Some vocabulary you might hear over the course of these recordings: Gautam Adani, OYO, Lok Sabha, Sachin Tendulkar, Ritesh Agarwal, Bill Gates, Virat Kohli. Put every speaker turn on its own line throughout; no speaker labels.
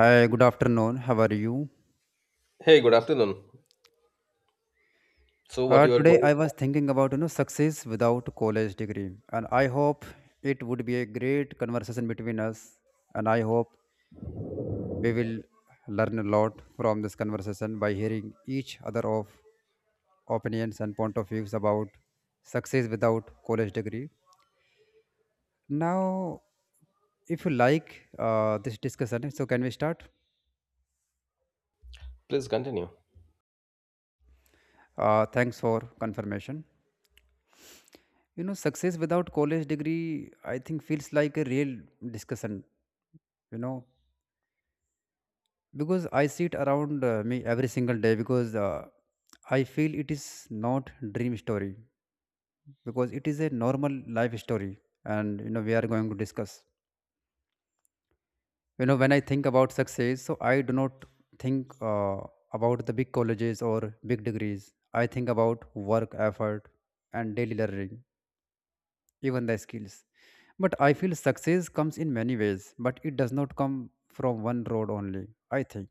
Hi, good afternoon. How are you?
Hey, good afternoon. So, what you are
Today
going
I was
about?
thinking about success without college degree, and I hope it would be a great conversation between us. And I hope we will learn a lot from this conversation by hearing each other of opinions and point of views about success without college degree. Now, if you like this discussion, so can we start?
Please continue.
Thanks for confirmation. You know, success without college degree, I think, feels like a real discussion, you know, because I see it around me every single day because I feel it is not dream story because it is a normal life story and, you know, we are going to discuss. You know, when I think about success, so I do not think about the big colleges or big degrees. I think about work, effort, and daily learning even the skills. But I feel success comes in many ways, but it does not come from one road only, I think.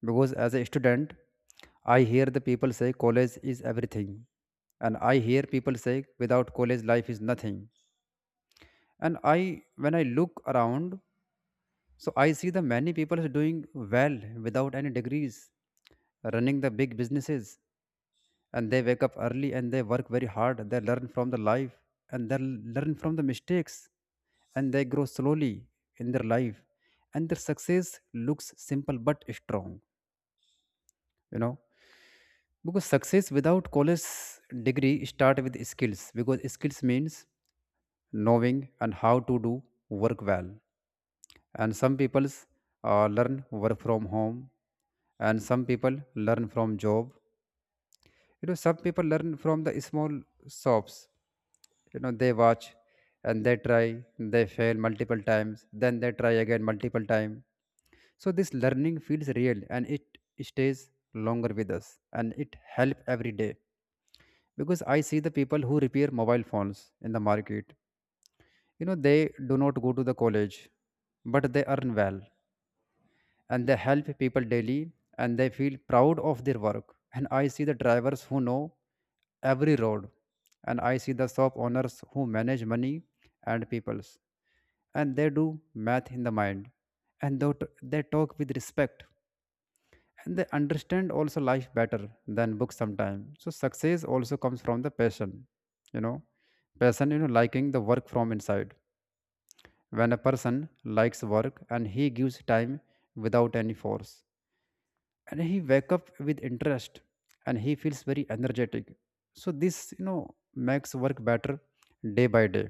Because as a student, I hear the people say college is everything. And I hear people say without college life is nothing. And I when I look around, so I see the many people is doing well without any degrees, running the big businesses, and they wake up early and they work very hard, they learn from the life and they learn from the mistakes and they grow slowly in their life, and their success looks simple but strong, you know, because success without college degree start with skills, because skills means knowing and how to do work well. And some people learn work from home, and some people learn from job, you know. Some people learn from the small shops, you know, they watch and they try, they fail multiple times then they try again multiple times. So this learning feels real and it stays longer with us and it help every day, because I see the people who repair mobile phones in the market, you know, they do not go to the college but they earn well, and they help people daily and they feel proud of their work. And I see the drivers who know every road, and I see the shop owners who manage money and peoples, and they do math in the mind, and they talk with respect, and they understand also life better than books sometimes. So success also comes from the passion, you know, passion, you know, liking the work from inside. When a person likes work and he gives time without any force, and he wake up with interest and he feels very energetic, so this, you know, makes work better day by day.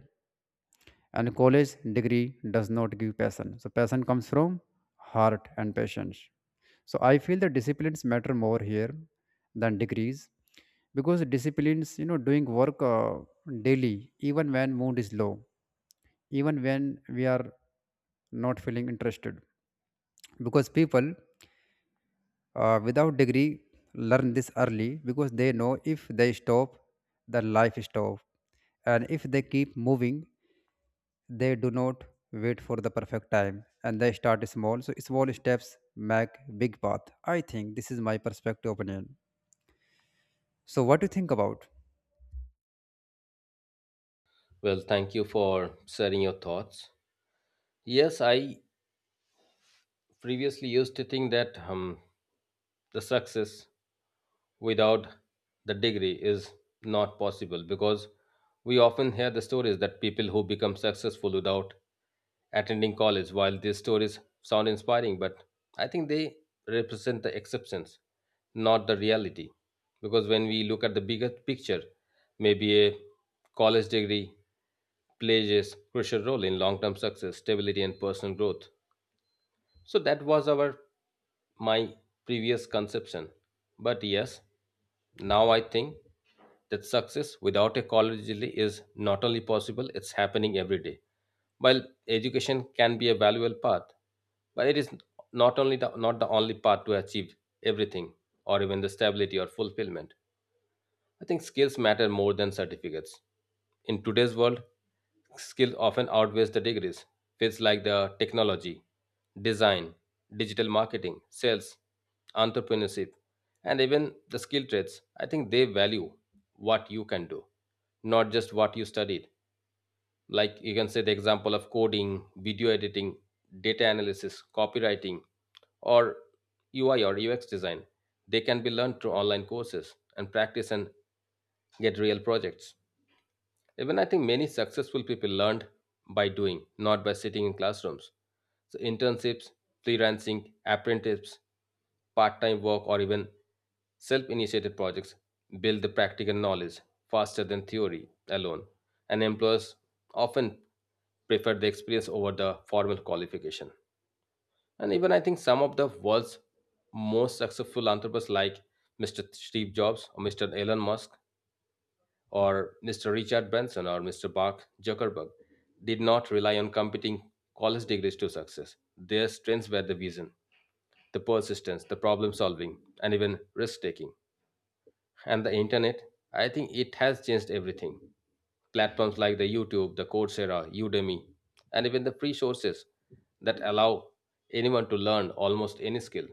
And college degree does not give passion, so passion comes from heart and patience. So I feel the disciplines matter more here than degrees, because disciplines, you know, doing work daily even when mood is low, even when we are not feeling interested. Because people without degree learn this early because they know if they stop, their life stop. And if they keep moving, they do not wait for the perfect time and they start small, so small steps make big path. I think this is my perspective opinion. So what do you think about?
Well, thank you for sharing your thoughts. Yes, I previously used to think that the success without the degree is not possible because we often hear the stories that people who become successful without attending college while these stories sound inspiring but I think they represent the exceptions not the reality because when we look at the bigger picture maybe a college degree plays a crucial role in long-term success stability and personal growth so that was our my previous conception. But yes, now I think that success without a college degree is not only possible, it's happening every day. While education can be a valuable path, but it is not the only path to achieve everything or even the stability or fulfillment. I think skills matter more than certificates. In today's world, skills often outweighs the degrees. Fields like the technology, design, digital marketing, sales, entrepreneurship, and even the skill trades, I think they value what you can do, not just what you studied. Like you can say the example of coding, video editing, data analysis, copywriting, or UI or UX design. They can be learned through online courses and practice and get real projects. Even I think many successful people learned by doing, not by sitting in classrooms. So internships, freelancing, apprenticeships, part-time work, or even self-initiated projects build the practical knowledge faster than theory alone. And employers often prefer the experience over the formal qualification. And even I think some of the world's most successful entrepreneurs like Mr. Steve Jobs or Mr. Elon Musk or Mr. Richard Branson or Mr. Mark Zuckerberg did not rely on competing college degrees to success. Their strengths were the vision, the persistence, the problem solving, and even risk taking. And the internet, I think it has changed everything. Platforms like the YouTube, the Coursera, Udemy, and even the free sources that allow anyone to learn almost any skill.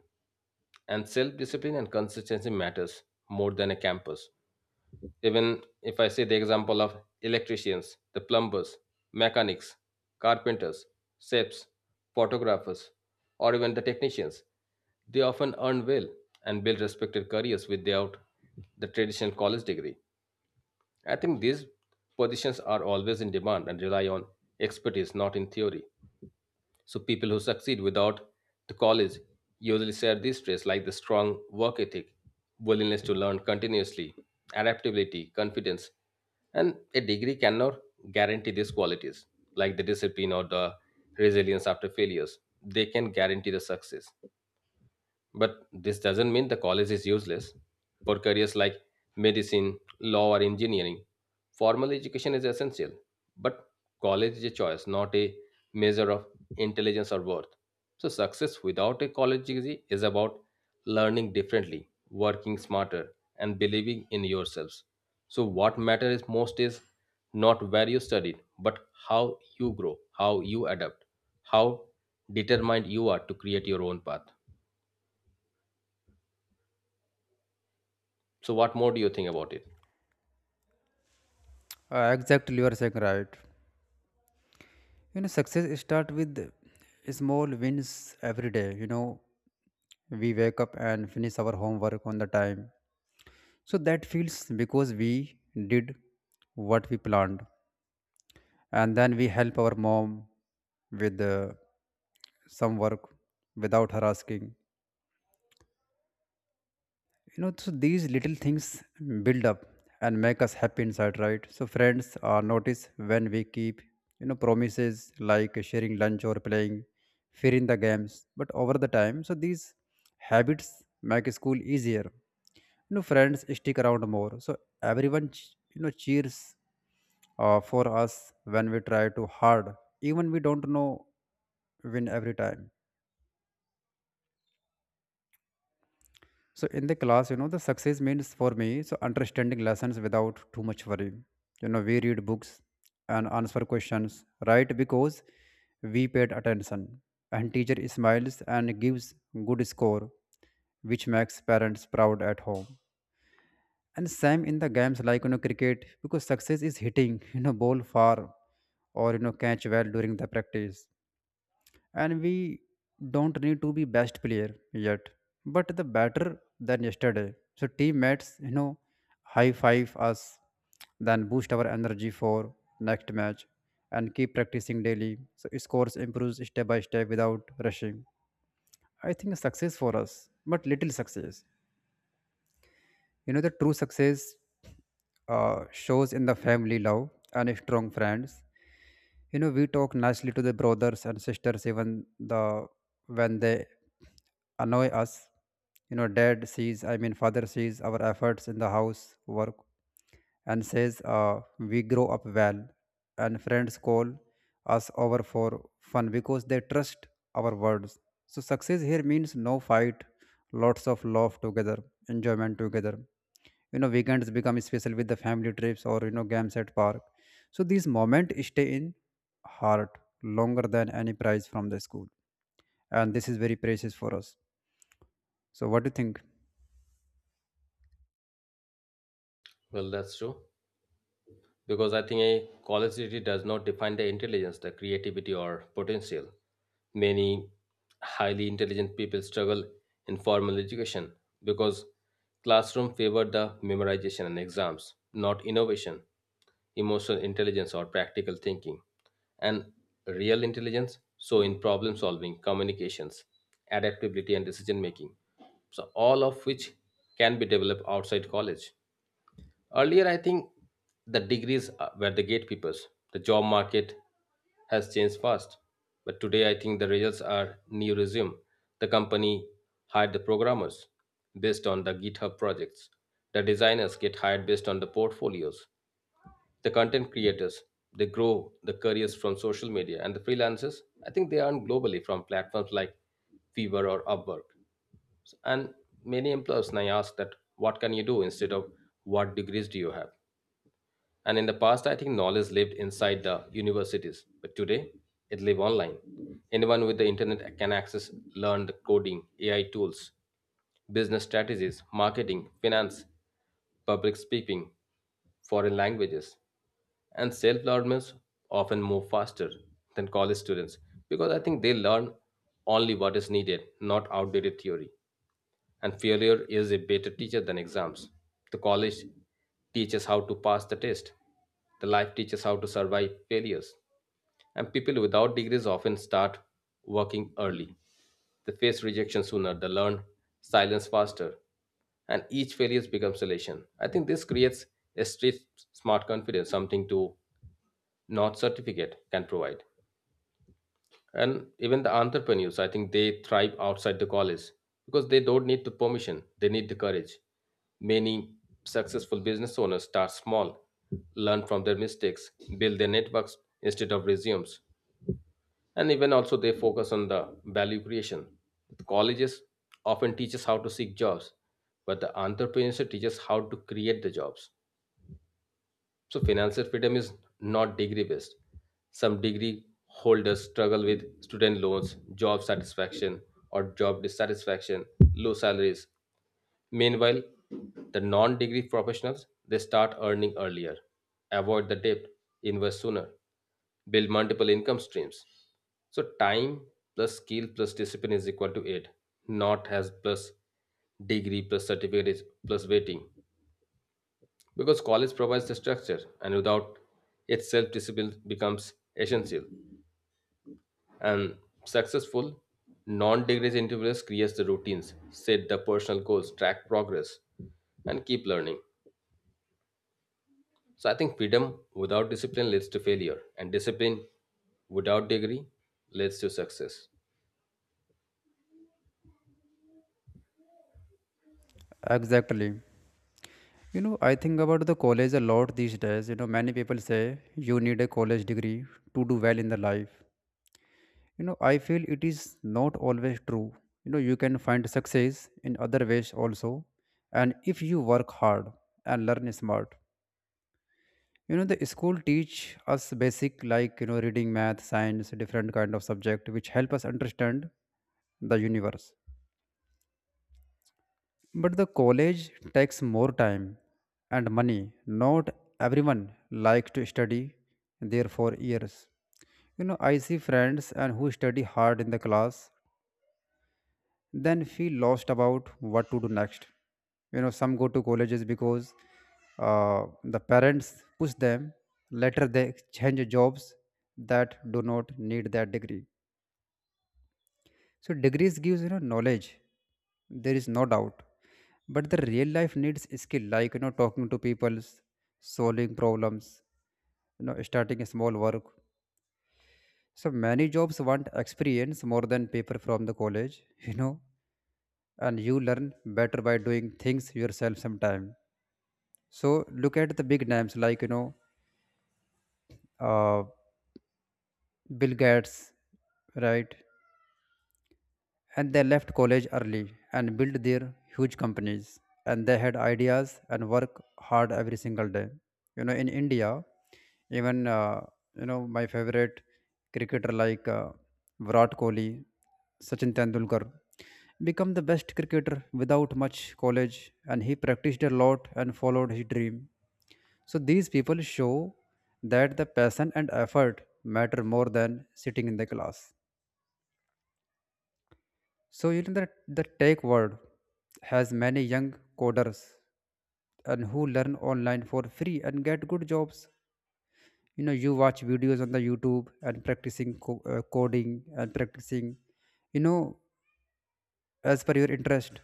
And self discipline and consistency matters more than a campus. Even if I say the example of electricians, the plumbers, mechanics, carpenters, chefs, photographers, or even the technicians, they often earn well and build respected careers without the traditional college degree. I think these positions are always in demand and rely on expertise, not in theory. So people who succeed without the college usually share these traits like the strong work ethic, willingness to learn continuously, adaptability, confidence, and a degree cannot guarantee these qualities, like the discipline or the resilience after failures. They can guarantee the success. But this doesn't mean the college is useless. For careers like medicine, law, or engineering, formal education is essential. But college is a choice, not a measure of intelligence or worth. So, success without a college degree is about learning differently, working smarter, and believing in yourselves. So, what matters most is not where you studied, but how you grow, how you adapt, how determined you are to create your own path. So, what more do you think about it?
Exactly, you are saying right. You know success start with small wins every day. You know, we wake up and finish our homework on the time, so that feels because we did what we planned. And then we help our mom with some work without her asking, you know. So these little things build up and make us happy inside, right? So friends are notice when we keep, you know, promises, like sharing lunch or playing, fearing the games. But over the time, so these habits make school easier, you know, friends stick around more. So everyone you know, cheers for us when we try too hard, even we don't know win every time. So in the class, you know, the success means for me so understanding lessons without too much worry. You know, we read books and answer questions, right? Because we paid attention, and teacher smiles and gives good score, which makes parents proud at home. And same in the games like you know cricket, because success is hitting you know ball far, or you know catch well during the practice. And we don't need to be best player yet, but the better than yesterday. So teammates, you know, high five us, then boost our energy for next match. And keep practicing daily, so scores improves step by step without rushing. I think success for us but little success, you know, the true success shows in the family love and strong friends. You know, we talk nicely to the brothers and sisters even the when they annoy us. You know, dad sees, I mean, father sees our efforts in the house work and says, we grow up well. And friends call us over for fun because they trust our words. So, success here means no fight, lots of love together, enjoyment together. You know, weekends become special with the family trips or, you know, games at park. So these moments stay in heart longer than any prize from the school, and this is very precious for us. So what do you think?
Well, that's true. Because I think a college degree does not define the intelligence, the creativity, or potential. Many highly intelligent people struggle in formal education because classroom favor the memorization and exams, not innovation, emotional intelligence, or practical thinking. And real intelligence, so in problem solving, communications, adaptability, and decision making. So, all of which can be developed outside college. Earlier, I think the degrees were the gatekeepers. The job market has changed fast. But today, I think the results are new resume. The company hired the programmers based on the GitHub projects. The designers get hired based on the portfolios. The content creators, they grow the careers from social media. And the freelancers, I think they earn globally from platforms like Fiverr or Upwork. And many employers now ask that, what can you do instead of what degrees do you have? And in the past, I think knowledge lived inside the universities, but today it lives online. Anyone with the internet can access, learn the coding, AI tools, business strategies, marketing, finance, public speaking, foreign languages, and self-learners often move faster than college students because I think they learn only what is needed, not outdated theory and failure is a better teacher than exams. The college teaches how to pass the test. The life teaches how to survive failures. And people without degrees often start working early. They face rejection sooner, they learn silence faster, and each failure becomes elation. I think this creates a street smart confidence, something to not certificate can provide and even the entrepreneurs I think they thrive outside the college because they don't need the permission they need the courage many successful business owners start small learn from their mistakes build their networks instead of resumes and even also they focus on the value creation the colleges often teach us how to seek jobs but the entrepreneurship teaches how to create the jobs so financial freedom is not degree based. Some degree holders struggle with student loans, job satisfaction, or job dissatisfaction, low salaries. Meanwhile, the non-degree professionals they start earning earlier, avoid the debt, invest sooner, build multiple income streams. So time plus skill plus discipline is equal to eight, not has plus degree plus certificate is plus waiting because college provides the structure and without it self-discipline becomes essential and successful non-degree individuals create the routines set the personal goals track progress and keep learning so I think freedom without discipline leads to failure and discipline without degree leads to success
Exactly. You know, I think about the college a lot these days. You know, many people say you need a college degree to do well in the life. You know, I feel it is not always true. You know, you can find success in other ways also. And if you work hard and learn smart. You know, the school teach us basic, like, you know, reading, math, science, different kind of subject which help us understand the universe. But the college takes more time and money. Not everyone like to study there for years. You know, I see friends and who study hard in the class then feel lost about what to do next. You know, some go to colleges because the parents push them, later they change jobs that do not need that degree. So degrees gives, you know, knowledge, there is no doubt. But the real life needs skill, like, you know, talking to people, solving problems, you know, starting a small work. So many jobs want experience more than paper from the college you know. And you learn better by doing things yourself sometime. So look at the big names like, you know, uh, Bill Gates, right? And they left college early and built their huge companies, and they had ideas and work hard every single day. You know, in India, even you know, my favorite cricketer, like Virat Kohli, Sachin Tendulkar, become the best cricketer without much college, and he practiced a lot and followed his dream. So these people show that the passion and effort matter more than sitting in the class. So you know that the tech world has many young coders and who learn online for free and get good jobs. You know, you watch videos on the YouTube and practicing coding and practicing, you know, as per your interest.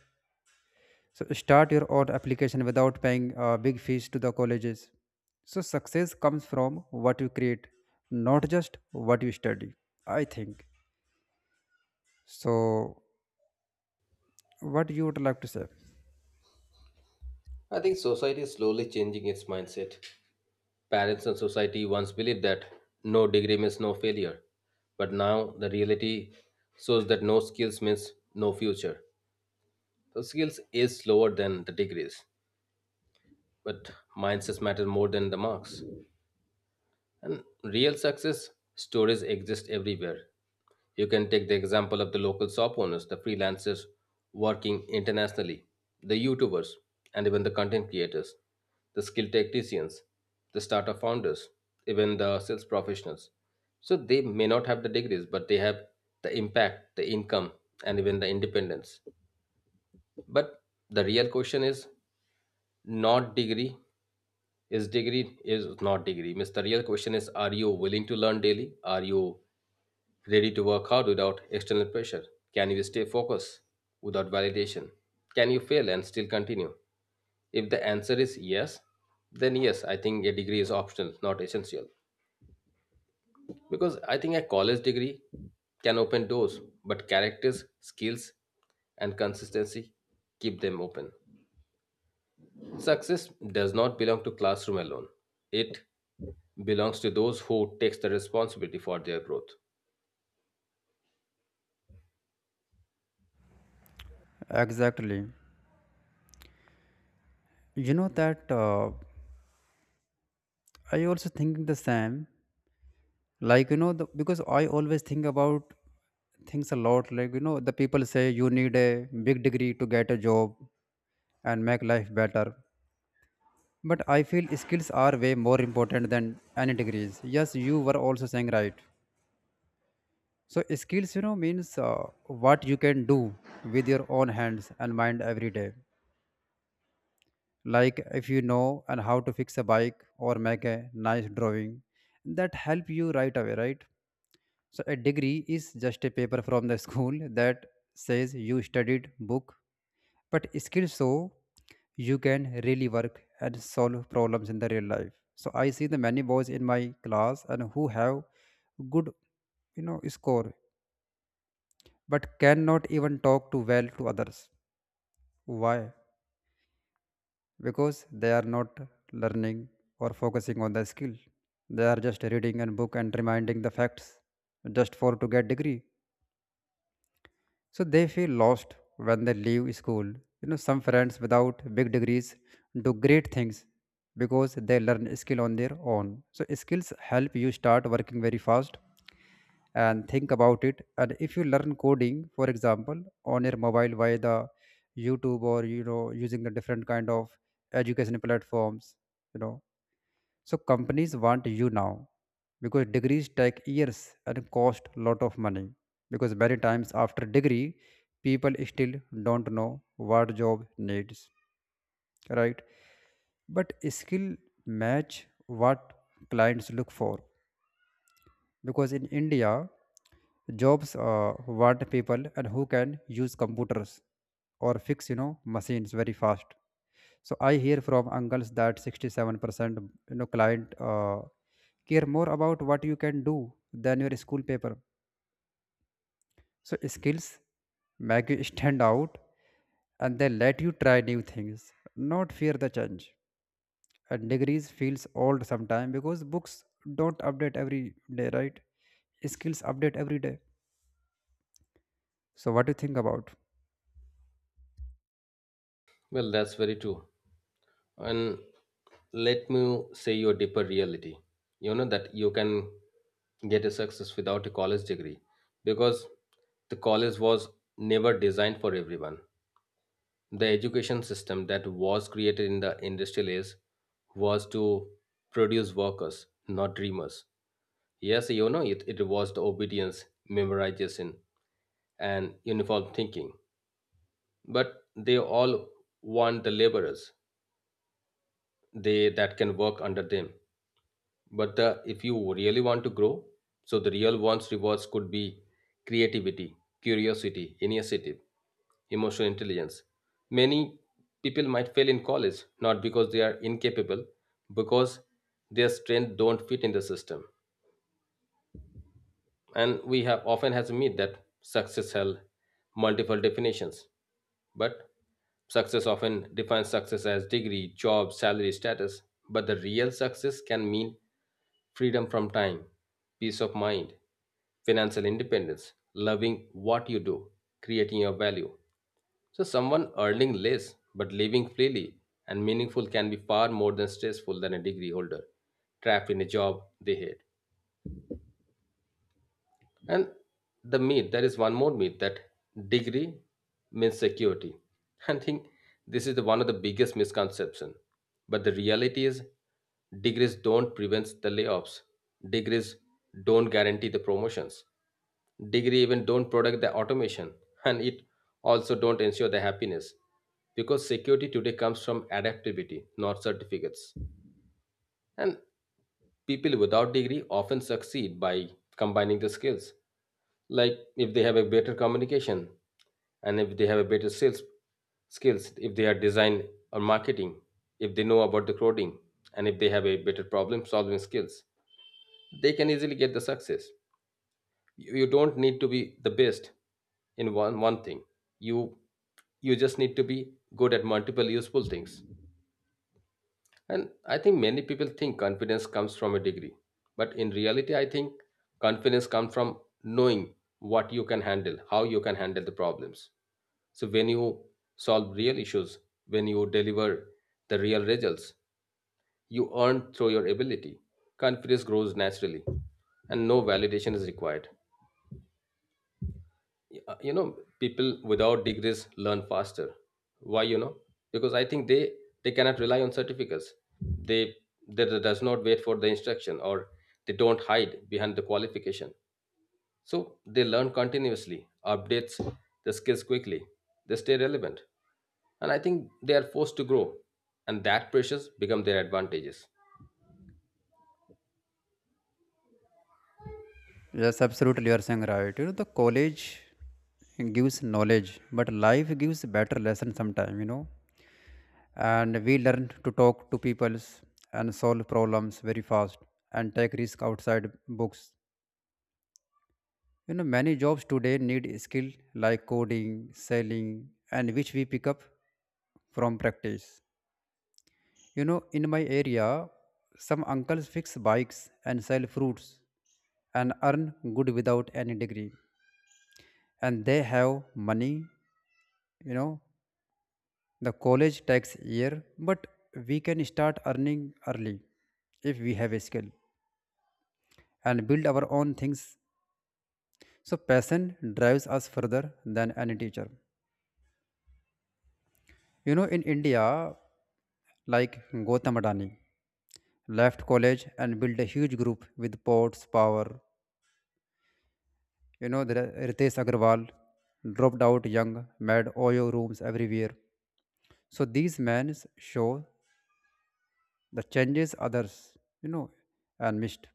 So start your own application without paying big fees to the colleges. So success comes from what you create, not just what you study. I think. So what you would like to say?
I think society is slowly changing its mindset. Parents and society once believed that no degree means no failure, but now the reality shows that no skills means no future. So skills is slower than the degrees, but mindsets matter more than the marks. And real success stories exist everywhere. You can take the example of the local shop owners, the freelancers working internationally, the YouTubers, and even the content creators, the skilled technicians, the startup founders, even the sales professionals. So they may not have the degrees, but they have the impact, the income, and even the independence. But the real question is not degree, is degree is not degree. Means the real question is, are you willing to learn daily? Are you ready to work hard without external pressure? Can you stay focused without validation? Can you fail and still continue? If the answer is yes, then yes, I think a degree is optional, not essential. Because I think a college degree can open doors, but characters, skills, and consistency keep them open. Success does not belong to classroom alone. It belongs to those who takes the responsibility for their growth.
Exactly. You know that. I also think the same. Like, you know, because I always think about things a lot. Like, you know, the people say you need a big degree to get a job and make life better. But I feel skills are way more important than any degrees. Yes, you were also saying right. So skills, you know, means what you can do with your own hands and mind every day. Like if you know and how to fix a bike or make a nice drawing, that help you right away, right? So a degree is just a paper from the school that says you studied book, but skills, so you can really work and solve problems in the real life. So I see the many boys in my class and who have good, score, but cannot even talk too well to others. Why? Because they are not learning or focusing on the skill. They are just reading a book and reminding the facts just for to get degree. So they feel lost when they leave school. You know, some friends without big degrees do great things because they learn skill on their own. So skills help you start working very fast. And think about it, and if you learn coding, for example, on your mobile via the YouTube or using the different kind of education platforms, you know so companies want you now. Because degrees take years and cost a lot of money, because many times after degree, people still don't know what job needs, right? But skill match what clients look for. Because in India, jobs want people and who can use computers or fix, machines very fast. So I hear from uncles that 67% client care more about what you can do than your school paper. So skills make you stand out and they let you try new things, not fear the change. And degrees feels old sometime because books don't update every day, right? Skills update every day. So, what do you think about?
Well, that's very true. And let me say your deeper reality. You know that you can get a success without a college degree because the college was never designed for everyone. The education system that was created in the industrial age was to produce workers, not dreamers. Yes, you know, it rewards the obedience, memorization, and uniform thinking. But they all want the laborers, they that can work under them. But if you really want to grow, so the real ones rewards could be creativity, curiosity, initiative, emotional intelligence. Many people might fail in college, not because they are incapable, because their strength don't fit in the system. And we have often has to meet that success has multiple definitions, but success often defines success as degree, job, salary, status. But the real success can mean freedom from time, peace of mind, financial independence, loving what you do, creating your value. So someone earning less but living freely and meaningful can be far more than stressful than a degree holder trapped in a job they hate. And the myth, there is one more myth that degree means security. I think this is one of the biggest misconception. But the reality is degrees don't prevent the layoffs. Degrees don't guarantee the promotions. Degree even don't protect the automation and it also don't ensure the happiness. Because security today comes from adaptability, not certificates. And people without degree often succeed by combining the skills. Like if they have a better communication and if they have a better sales skills, if they are design or marketing, if they know about the coding and if they have a better problem solving skills, they can easily get the success. You don't need to be the best in one thing. You you just need to be good at multiple useful things. And I think many people think confidence comes from a degree. But in reality, I think confidence comes from knowing what you can handle, how you can handle the problems. So when you solve real issues, when you deliver the real results, you earn through your ability. Confidence grows naturally and no validation is required. uh, you know People without degrees learn faster. Why? Because I think they cannot rely on certificates. They they does not wait for the instruction, or they don't hide behind the qualification. So they learn continuously, updates the skills quickly, they stay relevant, and I think they are forced to grow, and that pressures become their advantages.
Yes, absolutely, you are saying right. You know, the college gives knowledge, but life gives better lesson sometime. You know, and we learn to talk to peoples and solve problems very fast and take risk outside books. You know, many jobs today need skill like coding, selling, and which we pick up from practice. You know, in my area, some uncles fix bikes and sell fruits and earn good without any degree. And they have money, you know. The college tax year, but we can start earning early if we have a skill and build our own things. So passion drives us further than any teacher. You know, in India, like Gautam Adani left college and built a huge group with ports power. You know, there are Ritesh Agarwal, dropped out young, made OYO Rooms everywhere. So these men show the changes others, you know, and missed.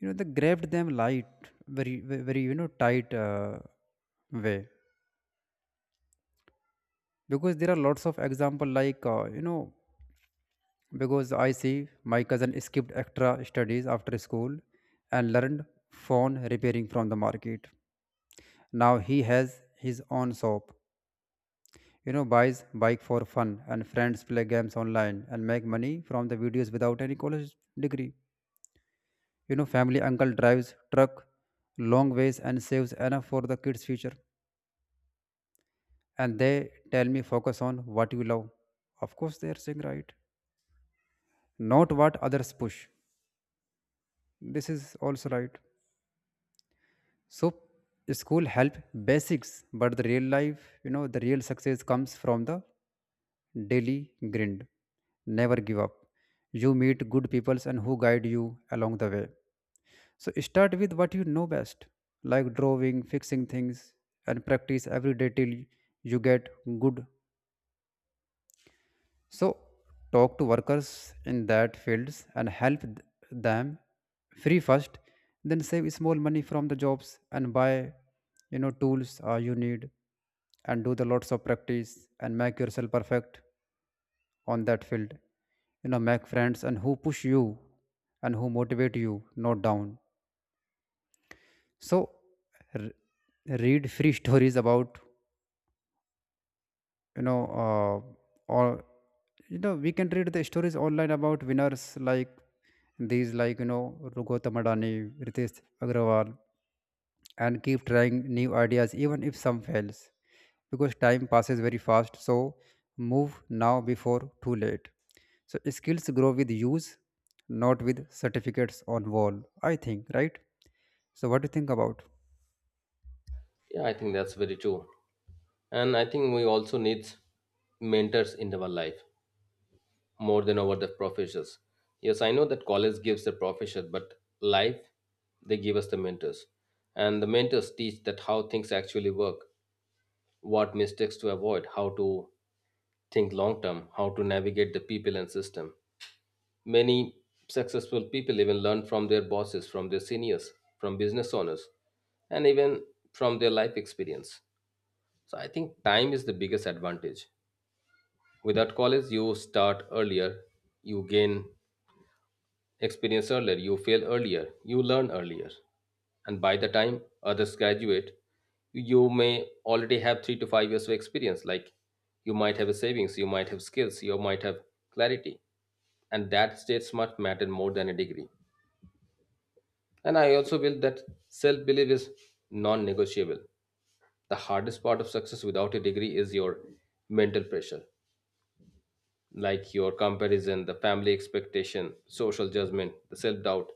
You know, they grabbed them light, very very, tight way. Because there are lots of example, like because I see my cousin skipped extra studies after school and learned phone repairing from the market. Now he has his own shop, you know, buys bike for fun and friends play games online and make money from the videos without any college degree. You know, family uncle drives truck long ways and saves enough for the kids' future. And they tell me focus on what you love. Of course, they are saying right, not what others push. This is also right. So school help basics, but the real life, you know, the real success comes from the daily grind. Never give up. You meet good peoples and who guide you along the way. So start with what you know best, like drawing, fixing things, and practice every day till you get good. So talk to workers in that fields and help them free first, then save small money from the jobs and buy, you know, tools you need, and do the lots of practice and make yourself perfect on that field. You know, make friends and who push you and who motivate you, not down. So r- read free stories about, or you know we can read the stories online about winners like these, like, you know, Gautam Adani, Ritesh Agrawal, and keep trying new ideas even if some fails, because time passes very fast. So move now before too late. So skills grow with use, not with certificates on wall. I think right. So what do you think about?
Yeah, I think that's very true, and I think we also need mentors in our life more than over the professors. Yes, I know that college gives the professors, but life, they give us the mentors. And the mentors teach that how things actually work, what mistakes to avoid, how to think long term, how to navigate the people and system. Many successful people even learn from their bosses, from their seniors, from business owners, and even from their life experience. So I think time is the biggest advantage. Without college, you start earlier, you gain experience earlier, you fail earlier, you learn earlier. And by the time others graduate, you may already have 3 to 5 years of experience. Like you might have a savings, you might have skills, you might have clarity. And that states much matter more than a degree. And I also feel that self belief is non negotiable. The hardest part of success without a degree is your mental pressure. Like your comparison, the family expectation, social judgment, the self doubt.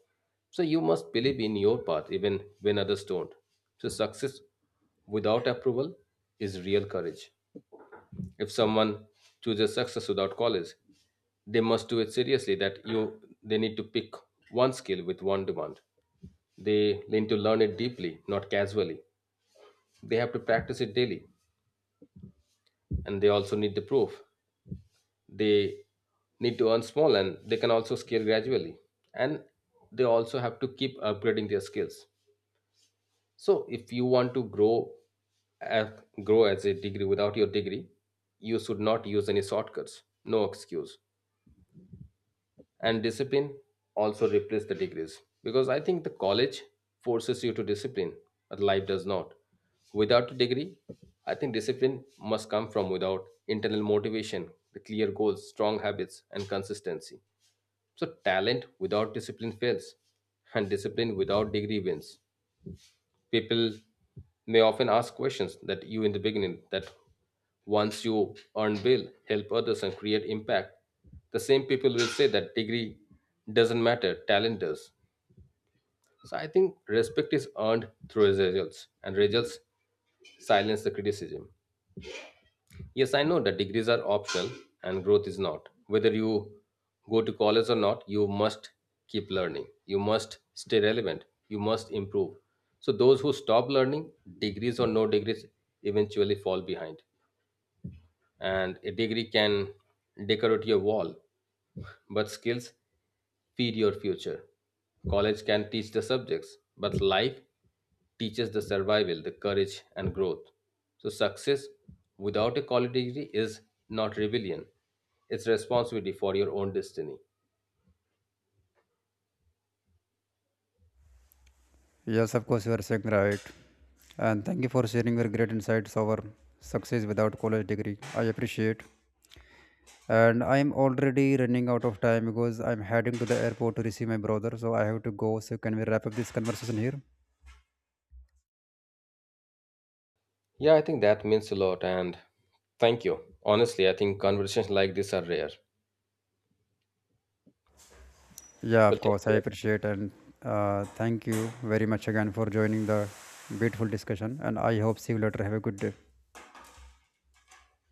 So you must believe in your path even when others don't. So success without approval is real courage. If someone chooses success without college, they must do it seriously, that you they need to pick one skill with one demand. They need to learn it deeply, not casually. They have to practice it daily, and they also need the proof. They need to earn small, and they can also scale gradually, and they also have to keep upgrading their skills. So if you want to as, grow as a degree without your degree, you should not use any shortcuts, no excuse. And discipline also replace the degrees, because I think the college forces you to discipline, but life does not. Without a degree, I think discipline must come from without internal motivation, the clear goals, strong habits, and consistency. So talent without discipline fails, and discipline without degree wins. People may often ask questions that you in the beginning that once you earn bill, help others, and create impact. The same people will say that degree doesn't matter, talent does. So I think respect is earned through results, and results silence the criticism. Yes, I know that degrees are optional and growth is not. Whether you go to college or not, you must keep learning. You must stay relevant. You must improve. So those who stop learning, degrees or no degrees, eventually fall behind. And a degree can decorate your wall, but skills feed your future. College can teach the subjects, but life teaches the survival, the courage, and growth. So success without a college degree is not rebellion, it's responsibility for your own destiny.
Yes, of course, you are saying right. And thank you for sharing your great insights over success without college degree. I appreciate. And I'm already running out of time because I'm heading to the airport to receive my brother. So I have to go. So can we wrap up this conversation here?
Yeah, I think that means a lot, and thank you. Honestly, I think conversations like this are rare.
Yeah,
Well,
of
take
course. I
care.
appreciate and thank you very much again for joining the beautiful discussion. And I hope see you later. Have a good day.